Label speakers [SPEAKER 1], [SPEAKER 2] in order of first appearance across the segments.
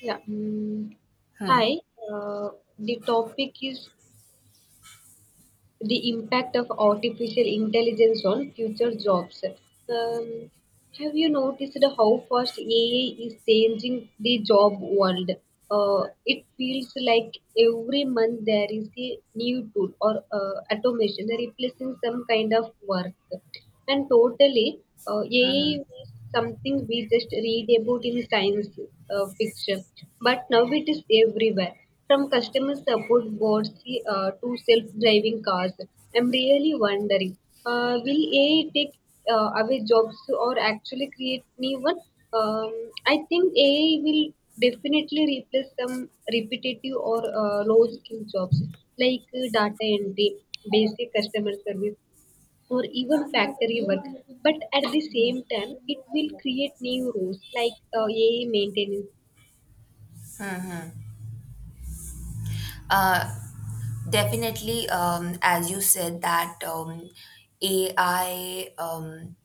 [SPEAKER 1] Yeah.
[SPEAKER 2] Hmm.
[SPEAKER 1] Hi. Uh, the topic is the impact of artificial intelligence on future jobs. Um, have you noticed how fast AI is changing the job world? It feels like every month there is a new tool or automation replacing some kind of work. And totally, AI
[SPEAKER 2] Mhm.
[SPEAKER 1] was something we just read about in science fiction, but now it is everywhere. From customer support bots to self-driving cars, I'm really wondering, will AI take away jobs or actually create new one? I think AI will definitely replace some repetitive or low-skill jobs like data entry, basic customer service, or even factory work. But at the same time, it will create new roles like AI maintenance.
[SPEAKER 2] Uh, Definitely, as you said that AI, um,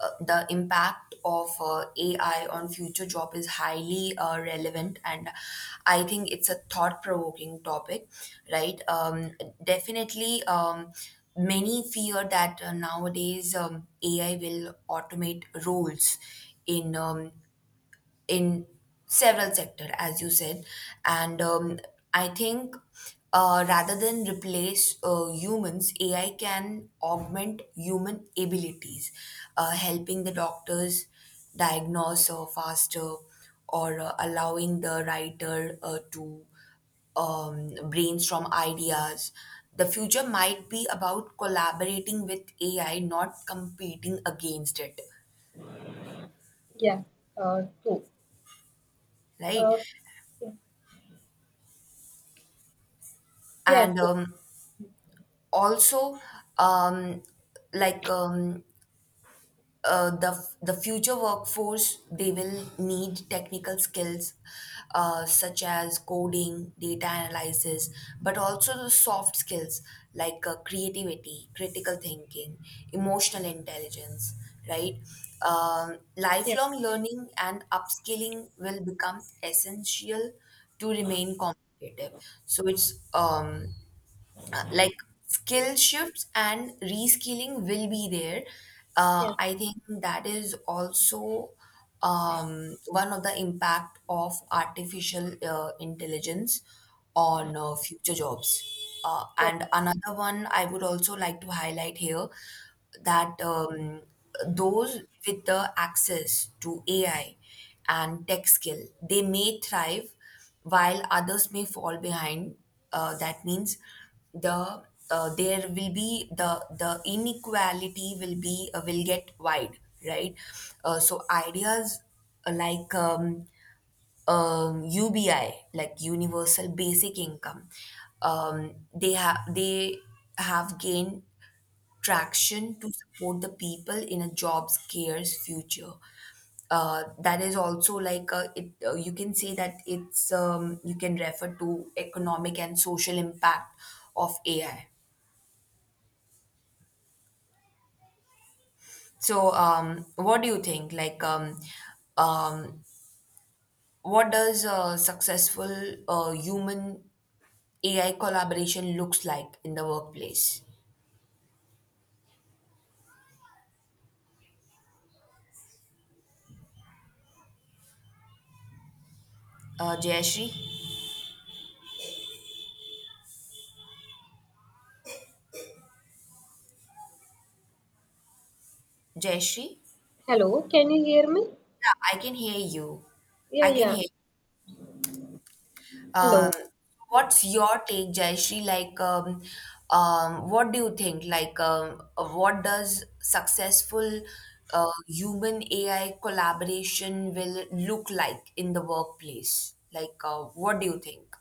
[SPEAKER 2] uh, the impact of AI on future job is highly relevant, and I think it's a thought-provoking topic, right? Definitely, many fear that nowadays AI will automate roles in um, in several sector as you said and I think rather than replace humans, AI can augment human abilities, helping the doctors diagnose faster, or allowing the writer to brainstorm ideas. The future might be about collaborating with AI, not competing against it,
[SPEAKER 1] Yeah, true.
[SPEAKER 2] right?
[SPEAKER 1] Uh, yeah,
[SPEAKER 2] And also, um, like um, uh, the the future workforce, they will need technical skills, such as coding, data analysis, but also the soft skills like creativity, critical thinking, emotional intelligence, right?
[SPEAKER 1] yeah,
[SPEAKER 2] Lifelong learning and upskilling will become essential to remain competitive. So it's like skill shifts and reskilling will be there.
[SPEAKER 1] yeah,
[SPEAKER 2] I think that is also one of the impact of artificial intelligence on future jobs.
[SPEAKER 1] yeah.
[SPEAKER 2] And another one I would also like to highlight here, that those with the access to AI and tech skill, they may thrive while others may fall behind. That means the there will be the inequality will be will get wide, right? So ideas uh, like um, UBI, like universal basic income, they have gained traction to support the people in a job scarce future. That is also like you can say that it's you can refer to economic and social impact of AI. So, what do you think? Like, um, what does a successful human AI collaboration looks like in the workplace? Jayashree, Jayashree,
[SPEAKER 1] Hello, can you hear me?
[SPEAKER 2] yeah, I can hear you.
[SPEAKER 1] Yeah,
[SPEAKER 2] I can
[SPEAKER 1] yeah.
[SPEAKER 2] hear. Um,
[SPEAKER 1] Hello.
[SPEAKER 2] what's your take, Jayashree? Like, what do you think? Like, what does successful human AI collaboration will look like in the workplace? Like, what do you think,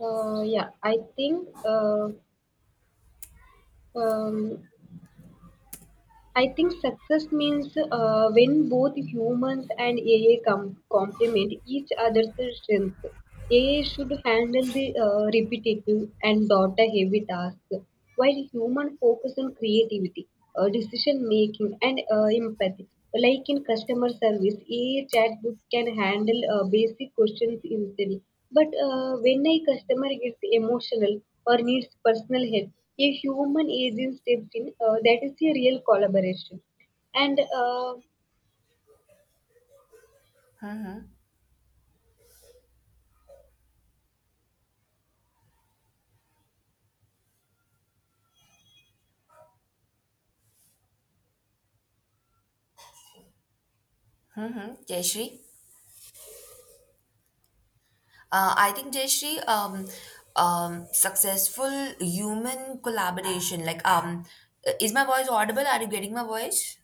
[SPEAKER 1] Yeah, um, I think success means when both humans and AI complement each other's strength. AI should handle the repetitive and data-heavy tasks, while human focus on creativity, decision making, and empathy. Like in customer service, AI chatbot can handle basic questions easily. But when a customer gets emotional or needs personal help, a human agent steps in, that is a real collaboration. And
[SPEAKER 2] Jayashree? I think, Jayashree, successful human collaboration. Like, is my voice audible? Are you getting my voice?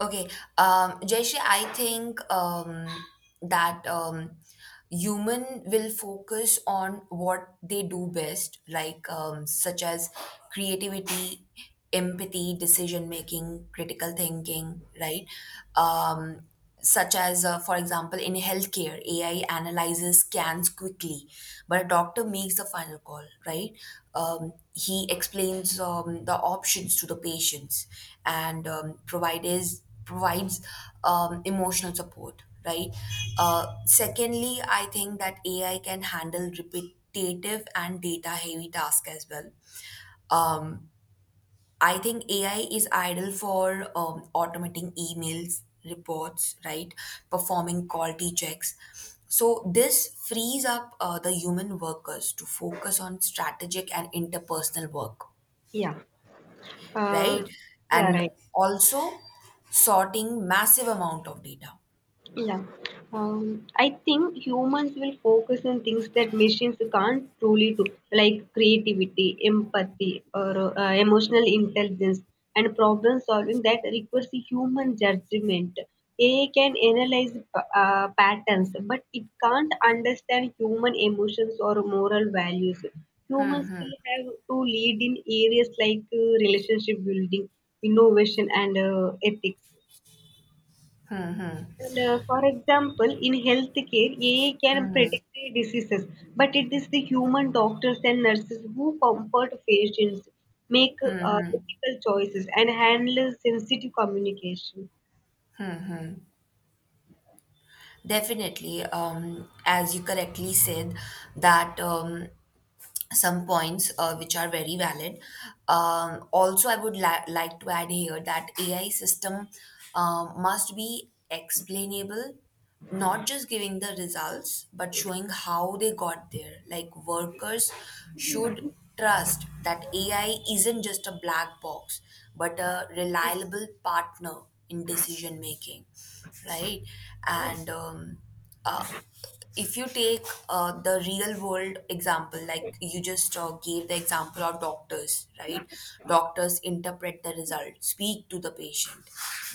[SPEAKER 2] Okay, Jayashree, I think that human will focus on what they do best, like such as creativity, empathy, decision making, critical thinking, right? Um, Such as, for example, in healthcare, AI analyzes scans quickly, but a doctor makes the final call, right? He explains the options to the patients and provides emotional support, right? Secondly, I think that AI can handle repetitive and data heavy tasks as well. Um, I think AI is ideal for automating emails, reports, right? Performing quality checks. So this frees up the human workers to focus on strategic and interpersonal work,
[SPEAKER 1] yeah, uh,
[SPEAKER 2] right?
[SPEAKER 1] yeah,
[SPEAKER 2] And
[SPEAKER 1] right.
[SPEAKER 2] also sorting massive amount of data.
[SPEAKER 1] Yeah. I think humans will focus on things that machines can't truly do, like creativity, empathy, or emotional intelligence, and problem solving that requires a human judgment. AI can analyze patterns, but it can't understand human emotions or moral values. Humans will have to lead in areas like relationship building, innovation, and ethics. And, for example, in healthcare, AI can predict the diseases, but it is the human doctors and nurses who comfort patients, make ethical choices, and handle sensitive communication.
[SPEAKER 2] Definitely, as you correctly said, that some points which are very valid. Also, I would like to add here that AI system must be explainable, not just giving the results, but showing how they got there. Like workers should trust that AI isn't just a black box, but a reliable partner in decision making, right? And uh, if you take the real world example, like you just gave the example of doctors, right? Doctors interpret the result, speak to the patient.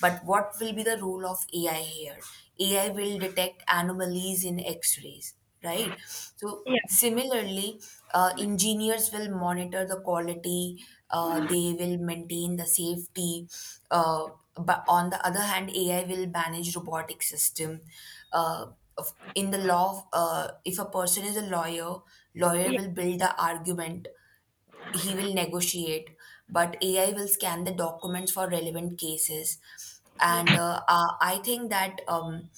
[SPEAKER 2] But what will be the role of AI here? AI will detect anomalies in x rays, right? So, similarly, engineers will monitor the quality, they will maintain the safety. Uh, but on the other hand, AI will manage robotic system. Uh, of in the law of, if a person is a lawyer, lawyer will build the argument, he will negotiate, but AI will scan the documents for relevant cases. And I think that um,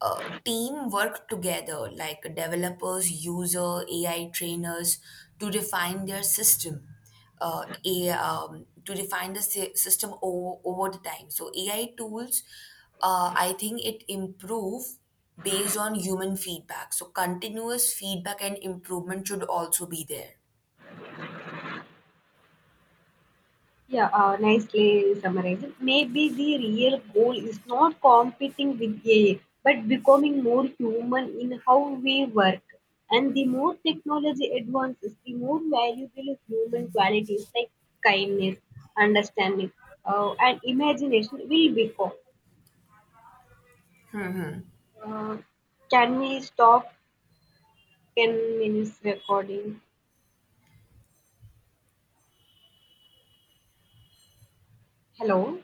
[SPEAKER 2] uh, team work together, like developers, user, AI trainers, to refine their system. To refine the system over, over the time. So AI tools, I think it improve based on human feedback. So continuous feedback and improvement should also be there.
[SPEAKER 1] Yeah, nicely summarized. Maybe the real goal is not competing with AI, but becoming more human in how we work. And the more technology advances, the more valuable human qualities like kindness, understanding, and imagination will become. Uh, can we stop 10 minutes recording? Hello?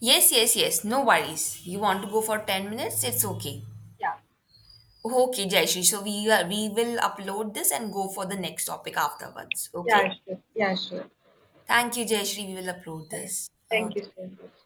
[SPEAKER 2] Yes, yes, yes. No worries. You want to go for 10 minutes? It's okay.
[SPEAKER 1] Yeah,
[SPEAKER 2] Okay, Jayashree. So we will upload this and go for the next topic afterwards. Okay?
[SPEAKER 1] yeah, sure. Yeah, sure.
[SPEAKER 2] Thank you, Jayashree. We will upload
[SPEAKER 1] Thank
[SPEAKER 2] this.
[SPEAKER 1] Thank
[SPEAKER 2] Okay.
[SPEAKER 1] you so much.